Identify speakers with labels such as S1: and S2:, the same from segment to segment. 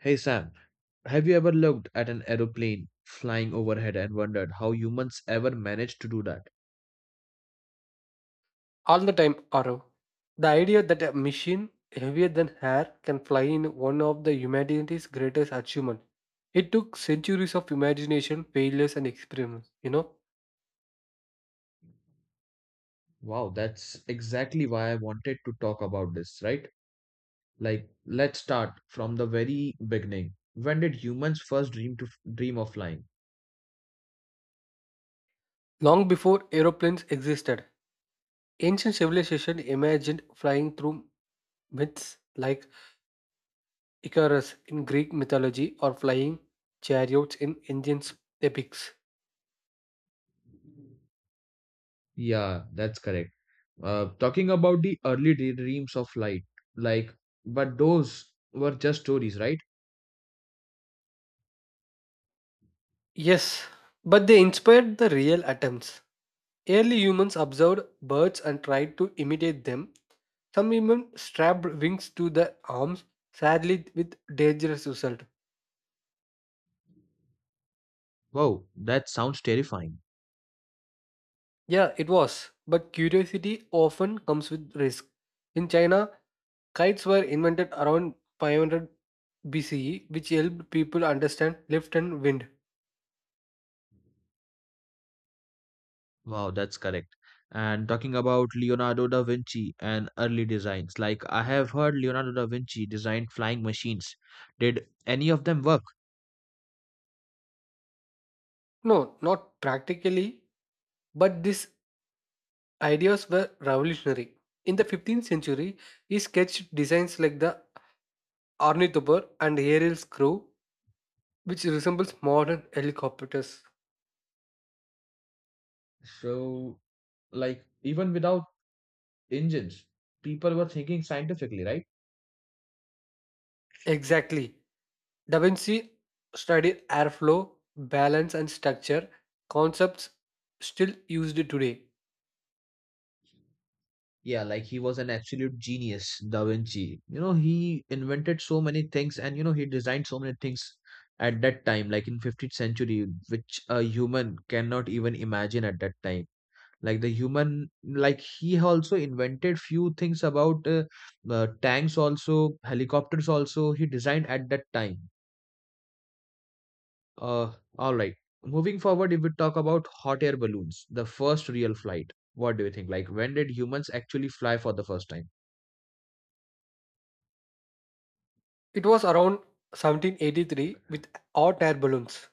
S1: Hey Sam, have you ever looked at an aeroplane flying overhead and wondered how humans ever managed to do that?
S2: All the time, Arav. The idea that a machine heavier than air can fly in one of the humanity's greatest achievements. It took centuries of imagination, failures, and experiments.
S1: Wow, that's exactly why I wanted to talk about this, right? Like, let's start from the very beginning. When did humans first dream of flying?
S2: Long before aeroplanes existed, ancient civilization imagined flying through myths like Icarus in Greek mythology or flying chariots in Indian epics.
S1: Yeah, that's correct. Talking about the early dreams of flight, like, but those were just stories, right?
S2: Yes, but they inspired the real attempts. Early humans observed birds and tried to imitate them. Some even strapped wings to their arms, sadly with dangerous result.
S1: Wow, that sounds terrifying.
S2: Yeah, it was. But curiosity often comes with risk. In China, kites were invented around 500 BCE, which helped people understand lift and wind.
S1: Wow, that's correct. And talking about Leonardo da Vinci and early designs, like I have heard Leonardo da Vinci designed flying machines. Did any of them work?
S2: No, not practically, but these ideas were revolutionary. In the 15th century, he sketched designs like the ornithopter and aerial screw, which resembles modern helicopters.
S1: So, like, even without engines, people were thinking scientifically, right?
S2: Exactly. Da Vinci studied airflow, balance, and structure, concepts still used today.
S1: Yeah, like he was an absolute genius, Da Vinci. You know, he invented so many things and you know he designed so many things at that time, like in 15th century, which a human cannot even imagine at that time. Like the human, like he also invented few things about tanks, also helicopters, also he designed at that time. uh, all right, moving forward, if we talk about hot air balloons, the first real flight, what do you think, like when did humans actually fly for the first time?
S2: It was around 1783 with hot air balloons.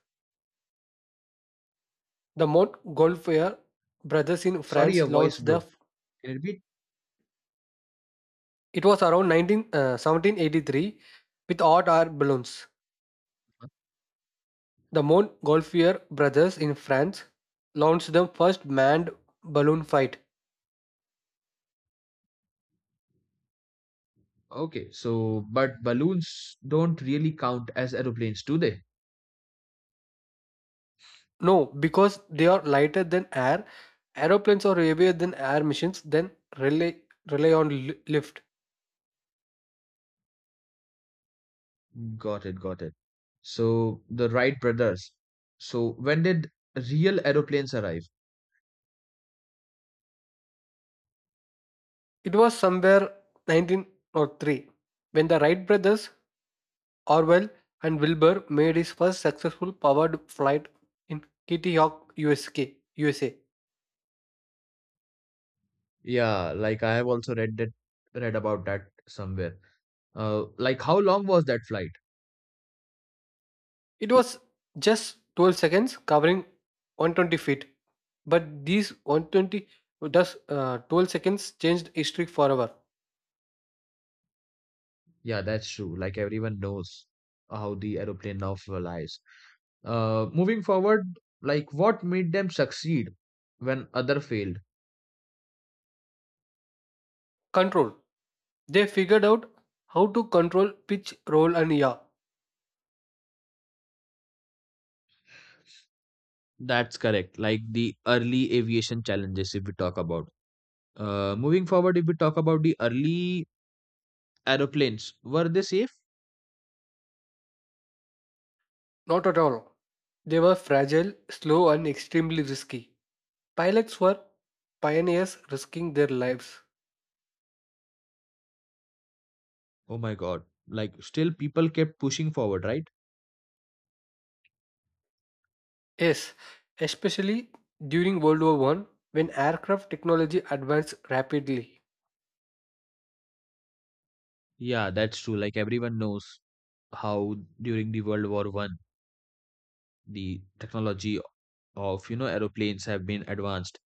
S2: The Montgolfier brothers in
S1: Sorry, your
S2: France
S1: voice,
S2: launched
S1: bro.
S2: the.
S1: Can you repeat?
S2: It was around 19, 1783 with hot air balloons. The Montgolfier brothers in France launched the first manned balloon fight.
S1: Okay, so but balloons don't really count as aeroplanes, do they?
S2: No, because they are lighter than air. Aeroplanes are heavier than air missions, then rely, rely on lift.
S1: Got it, got it. So the Wright brothers, so when did real aeroplanes arrive?
S2: It was somewhere 1903 when the Wright brothers, Orwell and Wilbur, made his first successful powered flight in Kitty Hawk, USK, USA.
S1: Yeah, like I have also read that, read about that somewhere. Like, how long was that flight?
S2: It was just 12 seconds, covering 120 feet. But these 120 thus 12 seconds changed history forever.
S1: Yeah, that's true. Like, everyone knows how the aeroplane now flies. Moving forward, like what made them succeed when other failed?
S2: Control. They figured out how to control pitch, roll, and yaw.
S1: That's correct. Like the early aviation challenges, if we talk about. Moving forward, if we talk about the early aeroplanes, were they safe?
S2: Not at all. They were fragile, slow, and extremely risky. Pilots were pioneers risking their lives.
S1: Oh my God. Like still, people kept pushing forward, right?
S2: Yes, especially during World War One, when aircraft technology advanced rapidly.
S1: Yeah, that's true. Like everyone knows how during the World War One, the technology of, you know, aeroplanes have been advanced.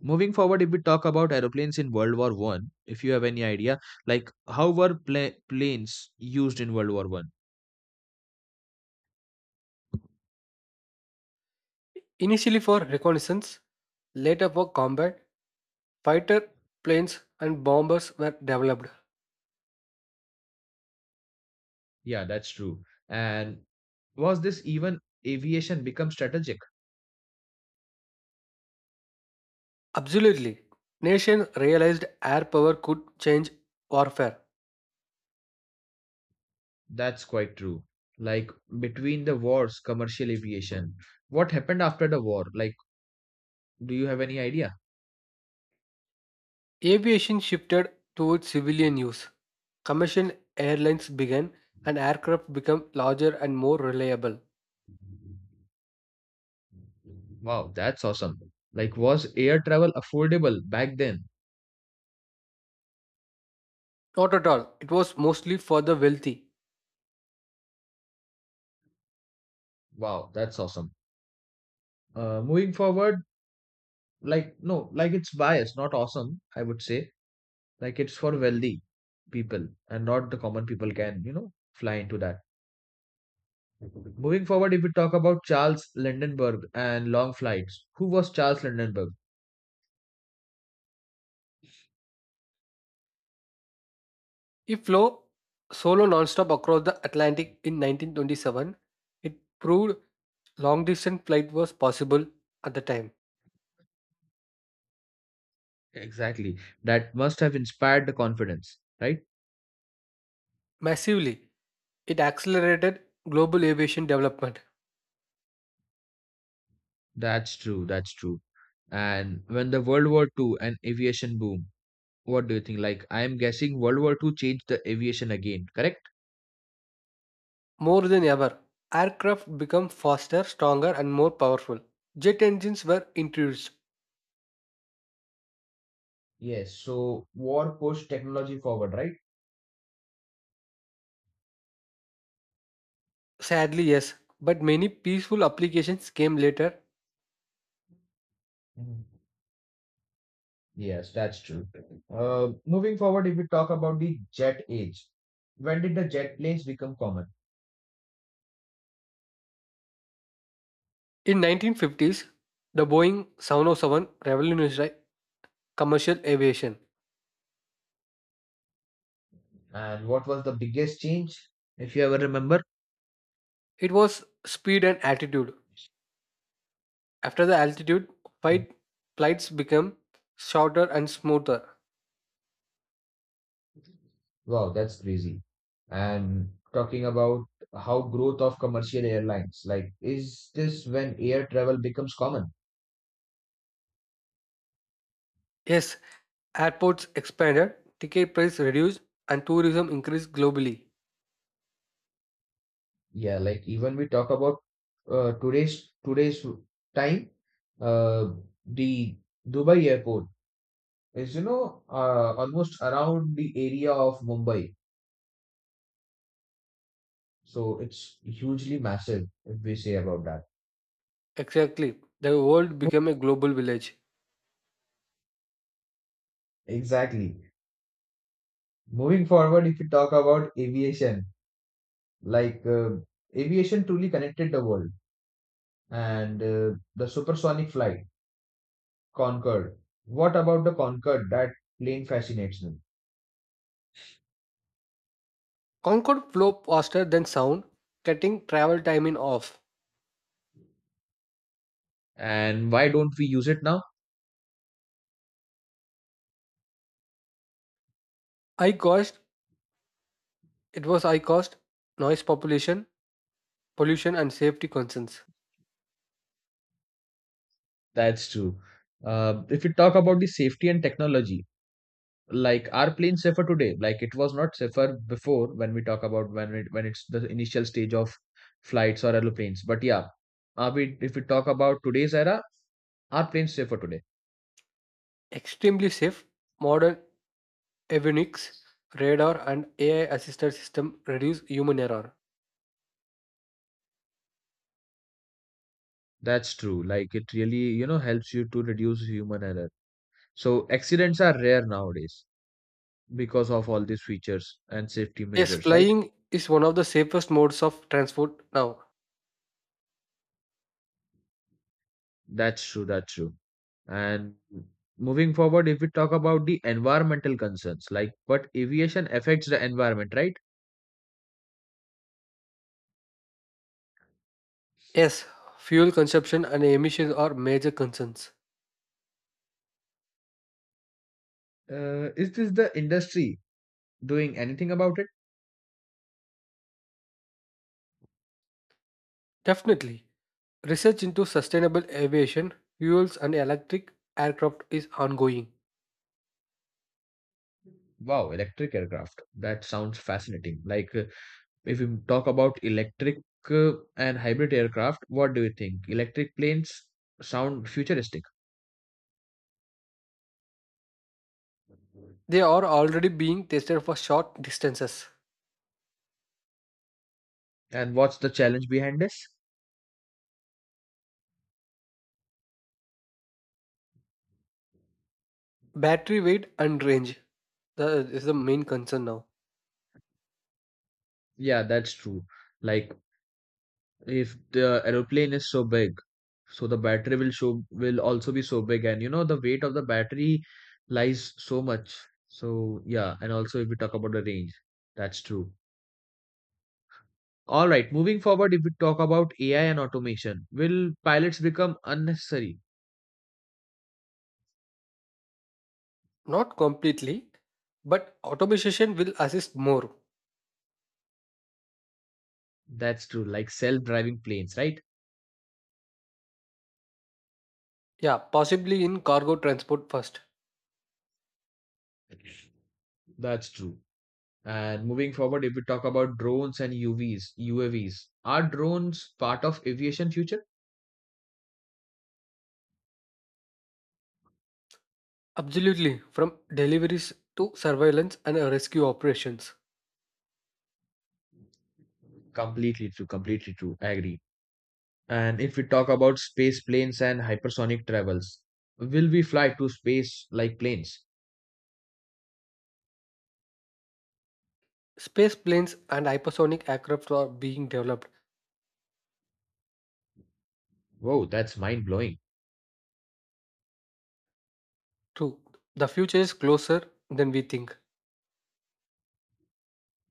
S1: Moving forward, if we talk about aeroplanes in World War One, if you have any idea, like how were planes used in World War One?
S2: Initially for reconnaissance, later for combat, fighter planes and bombers were developed.
S1: Yeah, that's true. And was this even aviation become strategic?
S2: Absolutely, nations realized air power could change warfare.
S1: That's quite true. Like, between the wars, commercial aviation. What happened after the war? Like, do you have any idea?
S2: Aviation shifted towards civilian use. Commercial airlines began, and aircraft became larger and more reliable.
S1: Wow, that's awesome. Like, was air travel affordable back then?
S2: Not at all, it was mostly for the wealthy.
S1: Wow, that's awesome. Moving forward, like, no, like it's biased, not awesome, I would say. Like, it's for wealthy people, and not the common people can, you know, fly into that. Moving forward, if we talk about Charles Lindenberg and long flights, who was Charles Lindenberg?
S2: It flew solo nonstop across the Atlantic in 1927. It proved long distance flight was possible at the time.
S1: Exactly. That must have inspired the confidence, right?
S2: Massively, it accelerated global aviation development.
S1: That's true. That's true. And when the World War Two and aviation boom, what do you think? Like, I'm guessing World War Two changed the aviation again, correct?
S2: More than ever, aircraft became faster, stronger, and more powerful. Jet engines were introduced.
S1: Yes, so war pushed technology forward, right?
S2: Sadly, yes, but many peaceful applications came later.
S1: Mhm. Yes, that's true. Moving forward, if we talk about the jet age, when did the jet planes become common?
S2: In 1950s, the Boeing 707 revolutionized commercial aviation.
S1: And what was the biggest change, if you ever remember?
S2: It was speed and altitude. After the altitude, fight, flights became shorter and smoother.
S1: Wow, that's crazy. And talking about how growth of commercial airlines, like, is this when air travel becomes common?
S2: Yes, airports expanded, ticket price reduced, and tourism increased globally.
S1: Yeah, like even we talk about today's time, uh, the Dubai airport is, you know, almost around the area of Mumbai, so it's hugely massive if we say about that.
S2: Exactly, the world
S1: Mo-
S2: became a global village.
S1: Exactly. Moving forward, if we talk about aviation, like aviation truly connected the world, and the supersonic flight, Concorde. What about the Concorde? That plane fascinates me.
S2: Concorde flew faster than sound, cutting travel time in half.
S1: And why don't we use it now?
S2: High cost It was high cost, noise population, pollution and safety concerns.
S1: That's true. If we talk about the safety and technology, like are planes safer today? Like it was not safer before, when we talk about when it's the initial stage of flights or aeroplanes. But yeah, are we if we talk about today's era, are planes safer today?
S2: Extremely safe, modern avionics, radar and AI-assisted system reduce human error.
S1: That's true. Like it really, you know, helps you to reduce human error. So accidents are rare nowadays because of all these features and safety
S2: Yes,
S1: measures, right?
S2: flying is one of the safest modes of transport now.
S1: That's true, that's true. And moving forward, if we talk about the environmental concerns, like but aviation affects the environment, right?
S2: Yes, fuel consumption and emissions are major concerns.
S1: Is this the industry doing anything about it?
S2: Definitely. Research into sustainable aviation, fuels and electric aircraft is ongoing.
S1: Wow, electric aircraft. That sounds fascinating. Like if we talk about electric and hybrid aircraft, what do you think? Electric planes sound futuristic.
S2: They are already being tested for short distances.
S1: And what's the challenge behind this?
S2: Battery weight and range. That is the main concern now.
S1: Yeah, that's true. Like, if the aeroplane is so big, so the battery will also be so big, and you know the weight of the battery lies so much. So yeah, and also if we talk about the range, that's true. All right, moving forward, if we talk about AI and automation, will pilots become unnecessary?
S2: Not completely, but automation will assist more.
S1: That's true, like self-driving planes, right?
S2: Yeah, possibly in cargo transport first.
S1: That's true. And moving forward, if we talk about drones and uvs UAVs, are drones part of aviation future?
S2: Absolutely, from deliveries to surveillance and rescue operations.
S1: Completely true, completely true, I agree. And if we talk about space planes and hypersonic travels, will we fly to space like planes?
S2: Space planes and hypersonic aircraft are being developed.
S1: Whoa, that's mind blowing.
S2: True, the future is closer than we think.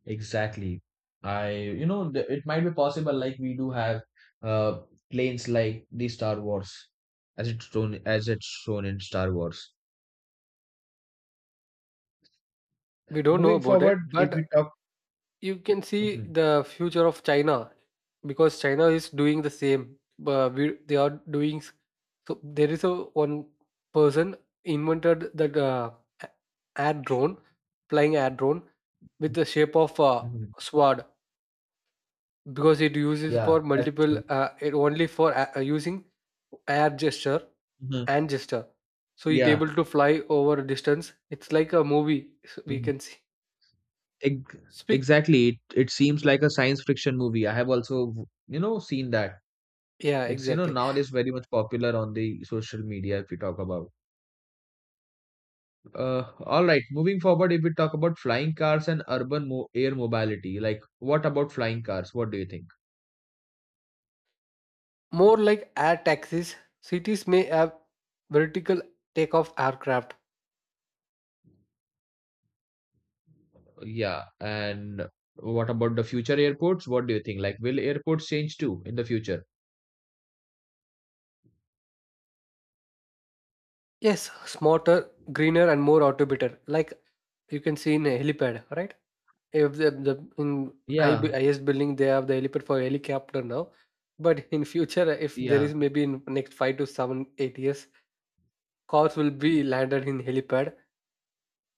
S1: Exactly. I, you know, it might be possible, like we do have uh planes like the Star Wars, as it's shown in Star Wars.
S2: We don't know
S1: Moving
S2: about
S1: forward,
S2: it,
S1: if we
S2: but
S1: talk,
S2: you can see
S1: mhm,
S2: the future of China because China is doing the same. But we, they are doing so. There is a one person invented that a- air drone, flying air drone with the shape of a
S1: mhm.
S2: sword because it uses for
S1: Yeah, that's
S2: multiple.
S1: true.
S2: It only for using air gesture
S1: Mhm.
S2: and gesture. So it
S1: Yeah,
S2: able to fly over a distance. It's like a movie. We
S1: mhm.
S2: can see.
S1: Ex-
S2: Speak.
S1: exactly. It seems like a science fiction movie. I have also, you know, seen that.
S2: Yeah,
S1: It's, you know,
S2: exactly.
S1: nowadays very much popular on the social media if we talk about. All right, moving forward, if we talk about flying cars and urban mo air mobility, like what about flying cars? What do you think?
S2: More like air taxis, cities may have vertical takeoff aircraft.
S1: Yeah, and what about the future airports? What do you think? Like, will airports change too in the future?
S2: Yes, smarter, greener, and more automated. Like you can see in a helipad, right? If the, the in
S1: Yeah,
S2: highest building they have the helipad for helicopter now, but in future, if there
S1: yeah.
S2: is maybe in next 5 to 7, 8 years, cars will be landed in helipad.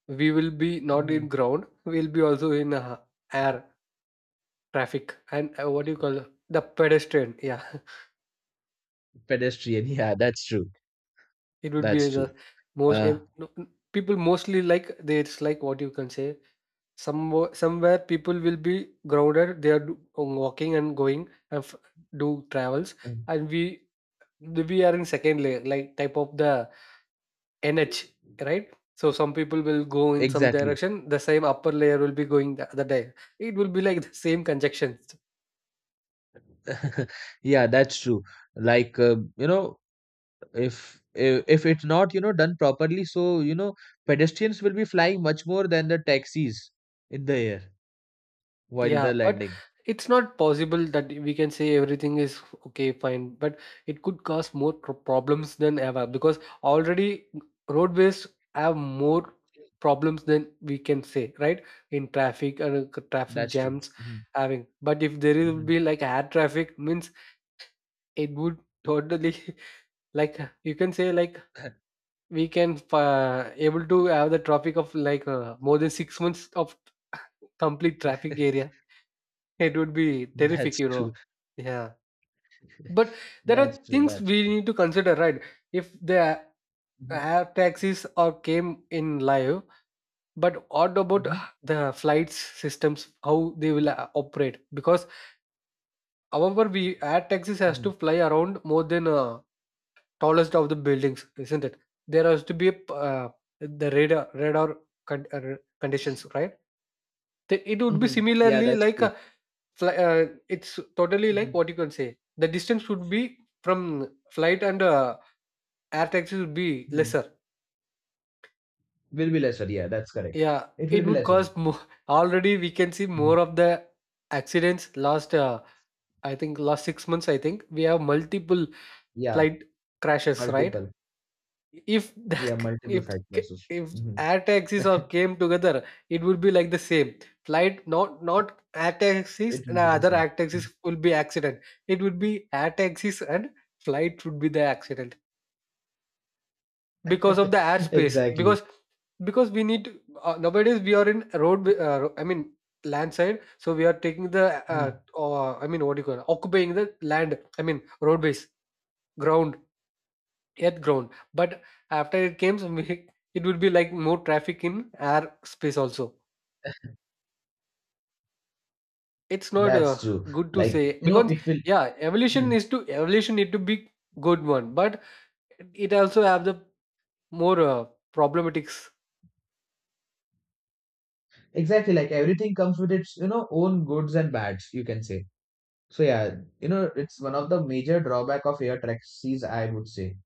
S2: We will be not in
S1: Mhm.
S2: ground. We'll be also in air traffic and what do you call the pedestrian? Yeah.
S1: Pedestrian, yeah, that's true.
S2: It would be
S1: That's
S2: the
S1: true.
S2: most
S1: Uh,
S2: ev- no, n- people mostly like they it's like what you can say some somewhere people will be grounded they are walking and going and do travels
S1: mm,
S2: and we are in second layer like type of the NH, right? So some people will go in some
S1: exactly.
S2: direction, the same upper layer will be going the other day. It will be like the same conjections.
S1: Yeah, that's true. Like, you know, if it's not, you know, done properly, so you know pedestrians will be flying much more than the taxis in the air while
S2: Yeah,
S1: they're
S2: but
S1: landing.
S2: it's not possible that we can say everything is okay, fine, but it could cause more problems than ever because already roadways have more problems than we can say, right? In traffic and traffic
S1: That's true.
S2: jams
S1: Hmm.
S2: having. But if there will
S1: Hmm.
S2: be like air traffic, means it would totally like you can say like we can able to have the traffic of like more than 6 months of complete traffic area. It would be terrific,
S1: That's
S2: you
S1: true.
S2: know. Yeah. But there are
S1: That's true,
S2: things
S1: that's
S2: we
S1: true.
S2: need to consider, right? If the
S1: Hmm.
S2: air taxis or came in live, but what about
S1: Hmm.
S2: the flights systems, how they will operate? Because however, we air taxis has to
S1: Hmm.
S2: fly around more than tallest of the buildings, isn't it? There has to be a, the radar conditions, right? It would be
S1: Hmm. Yeah,
S2: similarly
S1: that's
S2: like
S1: true.
S2: Fly it's totally like
S1: Hmm.
S2: what you can say. The distance should be from flight and air taxi would be
S1: Hmm.
S2: lesser.
S1: Will be lesser, yeah, that's correct.
S2: Yeah,
S1: It will
S2: it
S1: be
S2: would
S1: lesser.
S2: cause more. Already we can see
S1: Mhm.
S2: more of the accidents last. I think last 6 months. I think we have multiple
S1: Yeah,
S2: flight crashes, right?
S1: multiple.
S2: if the
S1: Yeah, multiple
S2: if
S1: side classes.
S2: if
S1: Hmm.
S2: air taxis all came together, it would be like the same flight, not air taxis
S1: It
S2: and
S1: will be the
S2: other
S1: same.
S2: air taxis will be accident. It would be air taxis and flight would be the accident because of the airspace
S1: Exactly.
S2: because we need nowadays we are in road I mean land side, so we are taking the
S1: Mm-hmm.
S2: I mean what do you call it? Occupying the land, I mean roadways, ground, Earth ground. But after it came, it would be like more traffic in air space also. It's not
S1: That's true.
S2: good to
S1: Like,
S2: say
S1: you know,
S2: because
S1: it will.
S2: yeah,
S1: Hmm.
S2: evolution need to be good one, but it also have the more problematics.
S1: Exactly, like everything comes with its, you know, own goods and bads, you can say. So yeah, you know, it's one of the major drawback of air taxis, I would say.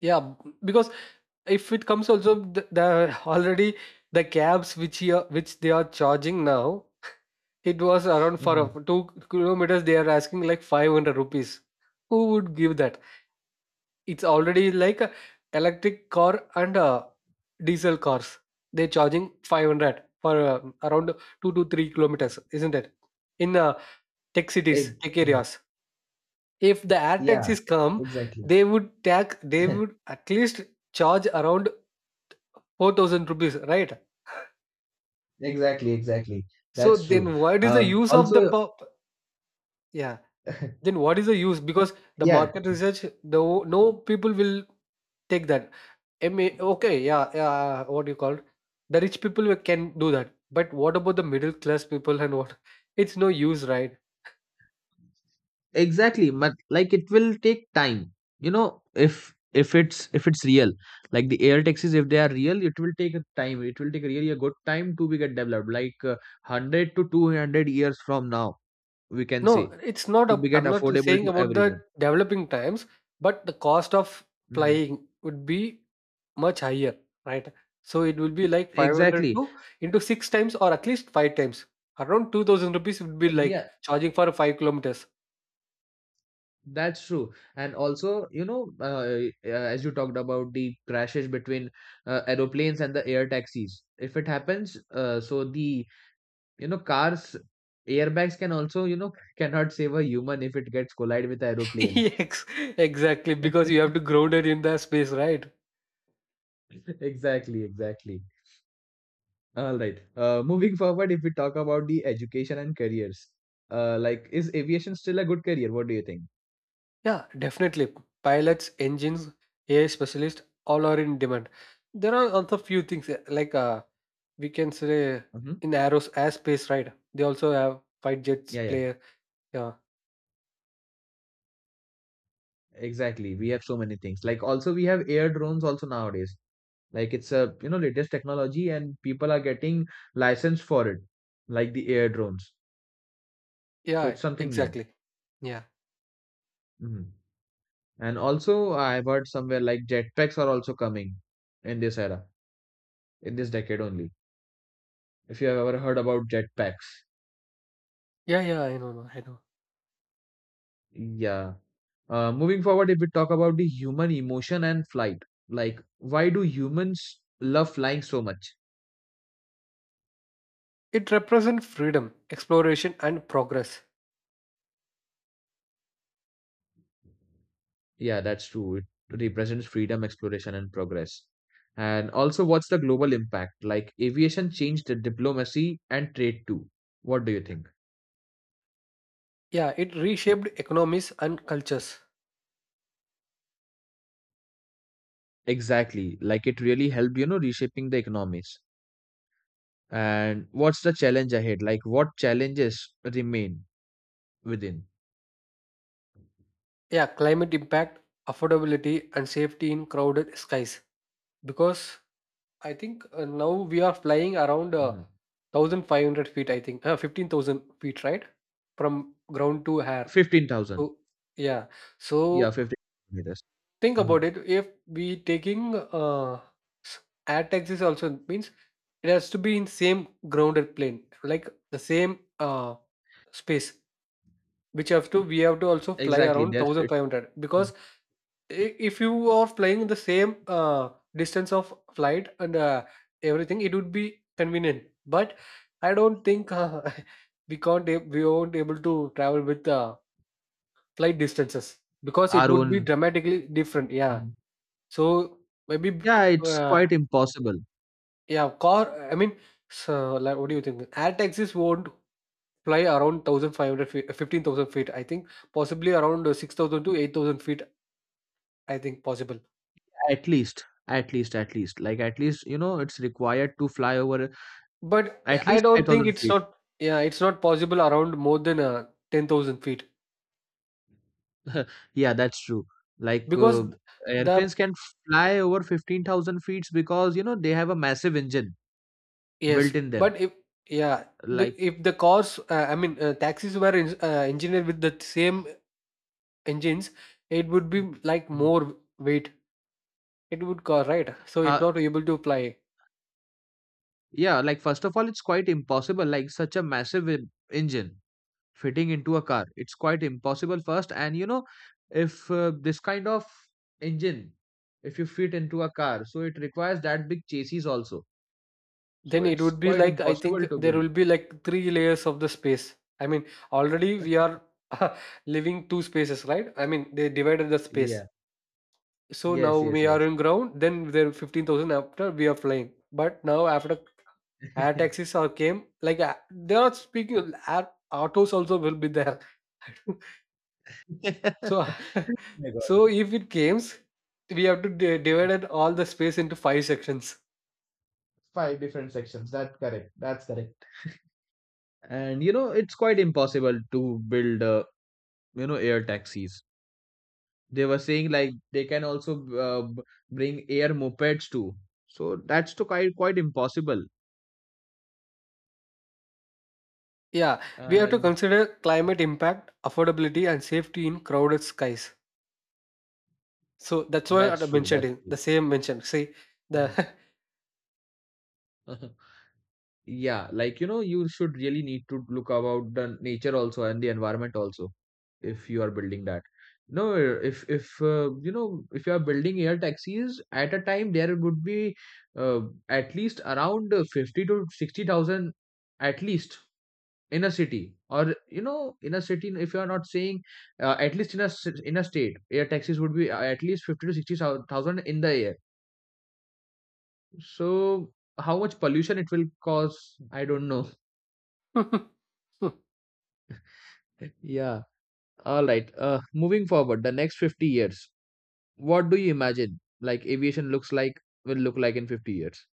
S2: Yeah, because if it comes also the already the cabs which here which they are charging now, it was around for
S1: Mm-hmm.
S2: 2 kilometers they are asking like 500 rupees. Who would give that? It's already like a electric car and diesel cars. They're charging 500 for around 2 to 3 kilometers, isn't it? In tech cities, tech areas. If the air
S1: Yeah,
S2: taxis come,
S1: exactly.
S2: they would they would at least charge around 4,000 rupees, right?
S1: Exactly, exactly.
S2: So
S1: That's true.
S2: then what is the use of the
S1: Also,
S2: pop? Yeah. Then what is the use? Because the
S1: yeah,
S2: market research, though, no people will take that. I mean, okay, yeah, yeah. What do you call it? The rich people we can do that, but what about the middle class people and what? It's no use, right?
S1: exactly. But like, it will take time, you know, if if it's real, like the air taxis, if they are real, it will take a time, it will take really a good time to be get developed, like 100 to 200 years from now, we can
S2: No,
S1: say,
S2: it's not.
S1: to
S2: A,
S1: be get
S2: I'm not
S1: affordable
S2: saying
S1: to
S2: about the
S1: everyone.
S2: developing times, but the cost of
S1: Mhm.
S2: flying would be much higher, right? So it will be like 500
S1: Exactly.
S2: to into six times or at least five times. Around 2,000 rupees would be like
S1: Yeah,
S2: charging for 5 kilometers.
S1: that's true. And also, you know, as you talked about the crashes between aeroplanes and the air taxis, if it happens, so the, you know, cars, airbags can also, you know, cannot save a human if it gets collide with aeroplane.
S2: Yes, exactly. Because you have to ground it in the space, right?
S1: Exactly, exactly. All right. Moving forward, if we talk about the education and careers, like is aviation still a good career? What do you think?
S2: Yeah, definitely. Pilots, engines, AI specialists, all are in demand. There are also few things like we can say
S1: Hmm.
S2: in aeros airspace, right? They also have fight jets
S1: Yeah, yeah.
S2: player. Yeah,
S1: Exactly. We have so many things. Like, also we have air drones also nowadays. Like, it's a, you know, latest technology, and people are getting licensed for it, like the air drones. So
S2: yeah,
S1: it's something new.
S2: exactly. Yeah,
S1: Mhm. And also, I've heard somewhere like jetpacks are also coming in this era, in this decade only. If you have ever heard about jetpacks,
S2: yeah, yeah. I know.
S1: yeah. Moving forward, if we talk about the human emotion and flight, like why do humans love flying so much?
S2: It represents freedom, exploration, and progress.
S1: Yeah, that's true. It represents freedom, exploration, and progress. And also, what's the global impact? Like, aviation changed the diplomacy and trade too. What do you think?
S2: Yeah, it reshaped economies and cultures.
S1: Exactly. Like it really helped, you know, reshaping the economies. And what's the challenge ahead? Like, what challenges remain within?
S2: Yeah, climate impact, affordability, and safety in crowded skies. Because I think now we are flying around
S1: Mhm.
S2: 1,500 feet, I think, 15,000 feet, right? From ground to air.
S1: 15,000.
S2: So, yeah.
S1: Yeah,
S2: So,
S1: 15 meters.
S2: think about
S1: Mhm.
S2: it. If we taking s- air taxis also means it has to be in same grounded plane, like the same space, which have to we have to also fly
S1: Exactly.
S2: around
S1: That's it.
S2: 1,500
S1: Mhm.
S2: because if you are flying the same distance of flight and everything, it would be convenient. But I don't think we can't ab- we won't able to travel with flight distances because it
S1: Our
S2: would be
S1: own.
S2: dramatically different. Yeah,
S1: Mhm.
S2: so maybe
S1: Yeah, it's quite impossible.
S2: yeah car, I mean, so like what do you think? Air taxis won't fly around 1,500 feet, 15,000 feet, I think. Possibly around 6,000 to 8,000 feet, I think possible.
S1: At least, at least, at least. Like, at least, you know, it's required to fly over
S2: But
S1: at
S2: I
S1: least
S2: don't think
S1: 5,000
S2: it's
S1: feet.
S2: not, yeah, it's not possible around more than 10,000 feet
S1: Yeah, that's true. Like,
S2: because the
S1: airplanes can fly over 15,000 feet because, you know, they have a massive engine
S2: yes,
S1: built in them.
S2: but if yeah, the
S1: Like,
S2: if the cars I mean taxis were en engineered with the same engines, it would be like
S1: mhm.
S2: more weight. It would car, right? So it's
S1: Uh,
S2: not able to fly.
S1: yeah, like first of all, it's quite impossible. Like, such a massive engine fitting into a car, it's quite impossible first. And you know, if this kind of engine, if you fit into a car, so it requires that big chassis also. So
S2: Then it
S1: it's
S2: would be
S1: quite
S2: like I
S1: impossible
S2: think
S1: to
S2: there
S1: build.
S2: will be like three layers of the space. I mean, already
S1: That's
S2: we are
S1: it.
S2: living two spaces, right? I mean, they divided the space.
S1: Yeah.
S2: So now
S1: Yes. Yes.
S2: we
S1: Yes.
S2: are in ground, then there 15,000 after we are flying. But now after air taxis are came, they are speaking air autos also will be there. So
S1: Oh my God.
S2: so if it comes, we have to divide it all the space into five sections.
S1: Five different sections. That's correct. That's correct. And you know, it's quite impossible to build, you know, air taxis. They were saying like they can also bring air mopeds too. So that's to quite quite impossible.
S2: Yeah, we have to
S1: And
S2: consider climate impact, affordability, and safety in crowded skies. So that's why I
S1: that's true.
S2: mentioned
S1: That's
S2: it. The
S1: true.
S2: same mentioned. See
S1: Mhm.
S2: the
S1: Yeah, like you know, you should really need to look about the nature also and the environment also if you are building that. No, if you know, if you are building air taxis at a time, there would be uh, at least around fifty to sixty thousand, at least in a city, or you know, in a city if you are not saying, at least in a in a state, air taxis would be at least 50 to 60,000 in the air. So how much pollution it will cause, I don't know. Yeah. All right, moving forward, the next 50 years, what do you imagine, like aviation looks like will look like in 50 years?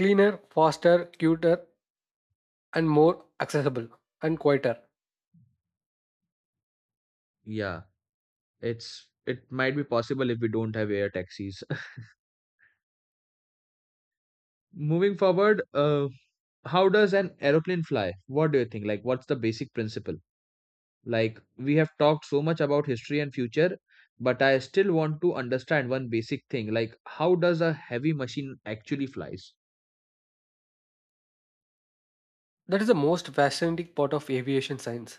S2: cleaner, faster, cuter, and more accessible and quieter.
S1: Yeah, it's, it might be possible if we don't have air taxis. Moving forward, how does an aeroplane fly? What do you think? Like, what's the basic principle? Like, we have talked so much about history and future, but I still want to understand one basic thing, like how does a heavy machine actually flies?
S2: That is the most fascinating part of aviation science.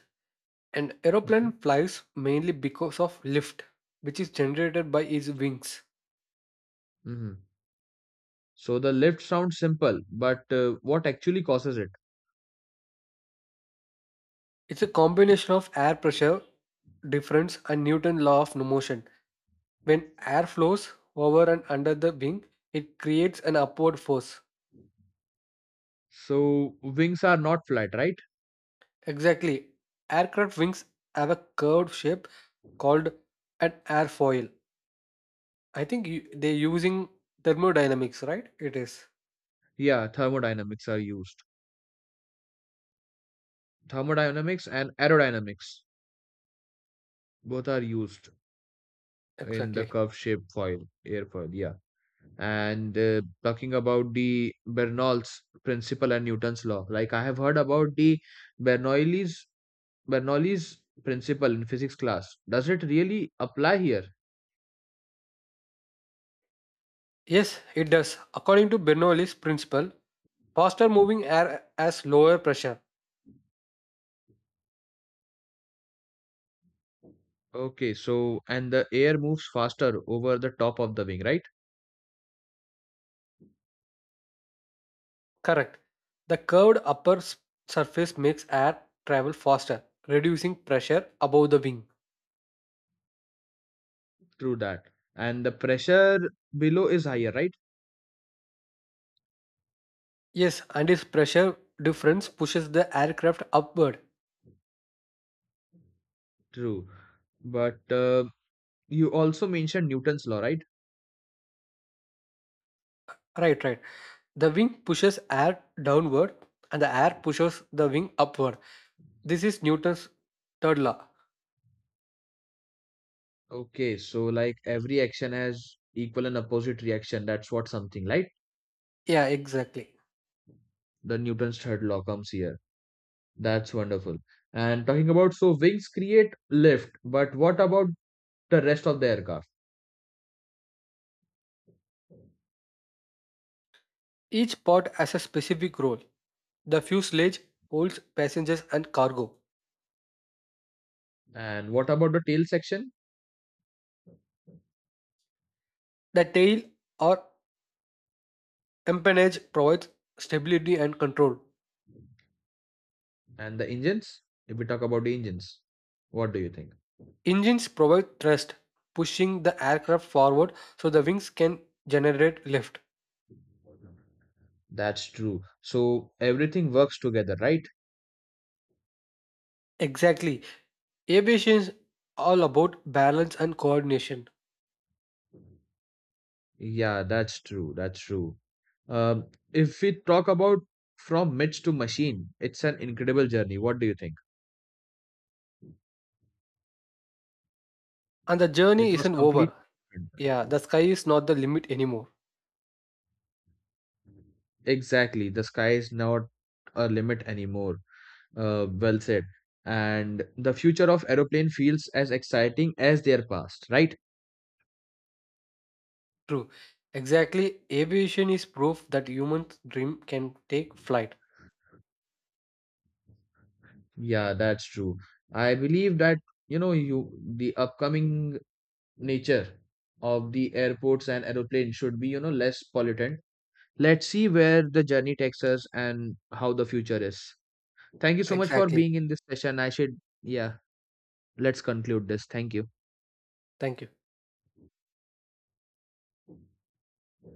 S2: An
S1: Hmm.
S2: aeroplane flies mainly because of lift, which is generated by its wings.
S1: Hmm. So the lift sounds simple, but what actually causes it?
S2: It's a combination of air pressure difference and Newton's law of motion. When air flows over and under the wing, it creates an upward force.
S1: So wings are not flat, right?
S2: Exactly. Aircraft wings have a curved shape called an airfoil. I think you, they're using thermodynamics, right? It is.
S1: Yeah, thermodynamics are used. Thermodynamics and aerodynamics both are used. In the
S2: Exactly.
S1: curve shaped foil, airfoil, yeah. And talking about the Bernoulli's principle and Newton's law, like I have heard about the Bernoulli's Bernoulli's principle in physics class. Does it really apply here?
S2: Yes, it does. According to Bernoulli's principle, faster moving air has lower pressure.
S1: Okay, so and the air moves faster over the top of the wing, right?
S2: Correct. The curved upper surface makes air travel faster, reducing pressure above the wing.
S1: True that. And the pressure below is higher, right?
S2: Yes, and this pressure difference pushes the aircraft upward.
S1: True. But you also mentioned Newton's law, right?
S2: Right, right. The wing pushes air downward and the air pushes the wing upward. This is Newton's third law.
S1: Okay, so like every action has equal and opposite reaction. That's what something, like
S2: Yeah, exactly.
S1: the Newton's third law comes here. That's wonderful. And talking about, so wings create lift, but what about the rest of the aircraft?
S2: Each part has a specific role. The fuselage holds passengers and cargo.
S1: And what about the tail section
S2: The tail or empennage provides stability and control.
S1: and the engines? If we talk about the engines, what do you think?
S2: Engines provide thrust, pushing the aircraft forward so the wings can generate lift.
S1: That's true. So everything works together, right?
S2: Exactly. Aviation is all about balance and coordination.
S1: Yeah, that's true. That's true. If we talk about from myths to machine, it's an incredible journey. What do you think?
S2: And the
S1: It
S2: journey
S1: was
S2: isn't over.
S1: completely different.
S2: Yeah, the sky is not the limit anymore.
S1: Exactly. The sky is not a limit anymore. Well said. And the future of aeroplane feels as exciting as their past, right?
S2: True. Exactly. Aviation is proof that humans' dream can take flight.
S1: Yeah, that's true. I believe that, you know, you the upcoming nature of the airports and aeroplane should be, you know, less pollutant. Let's see where the journey takes us and how the future is. Thank you so much for
S2: Exactly.
S1: being in this session. I should, yeah, let's conclude this. Thank you.
S2: Thank you.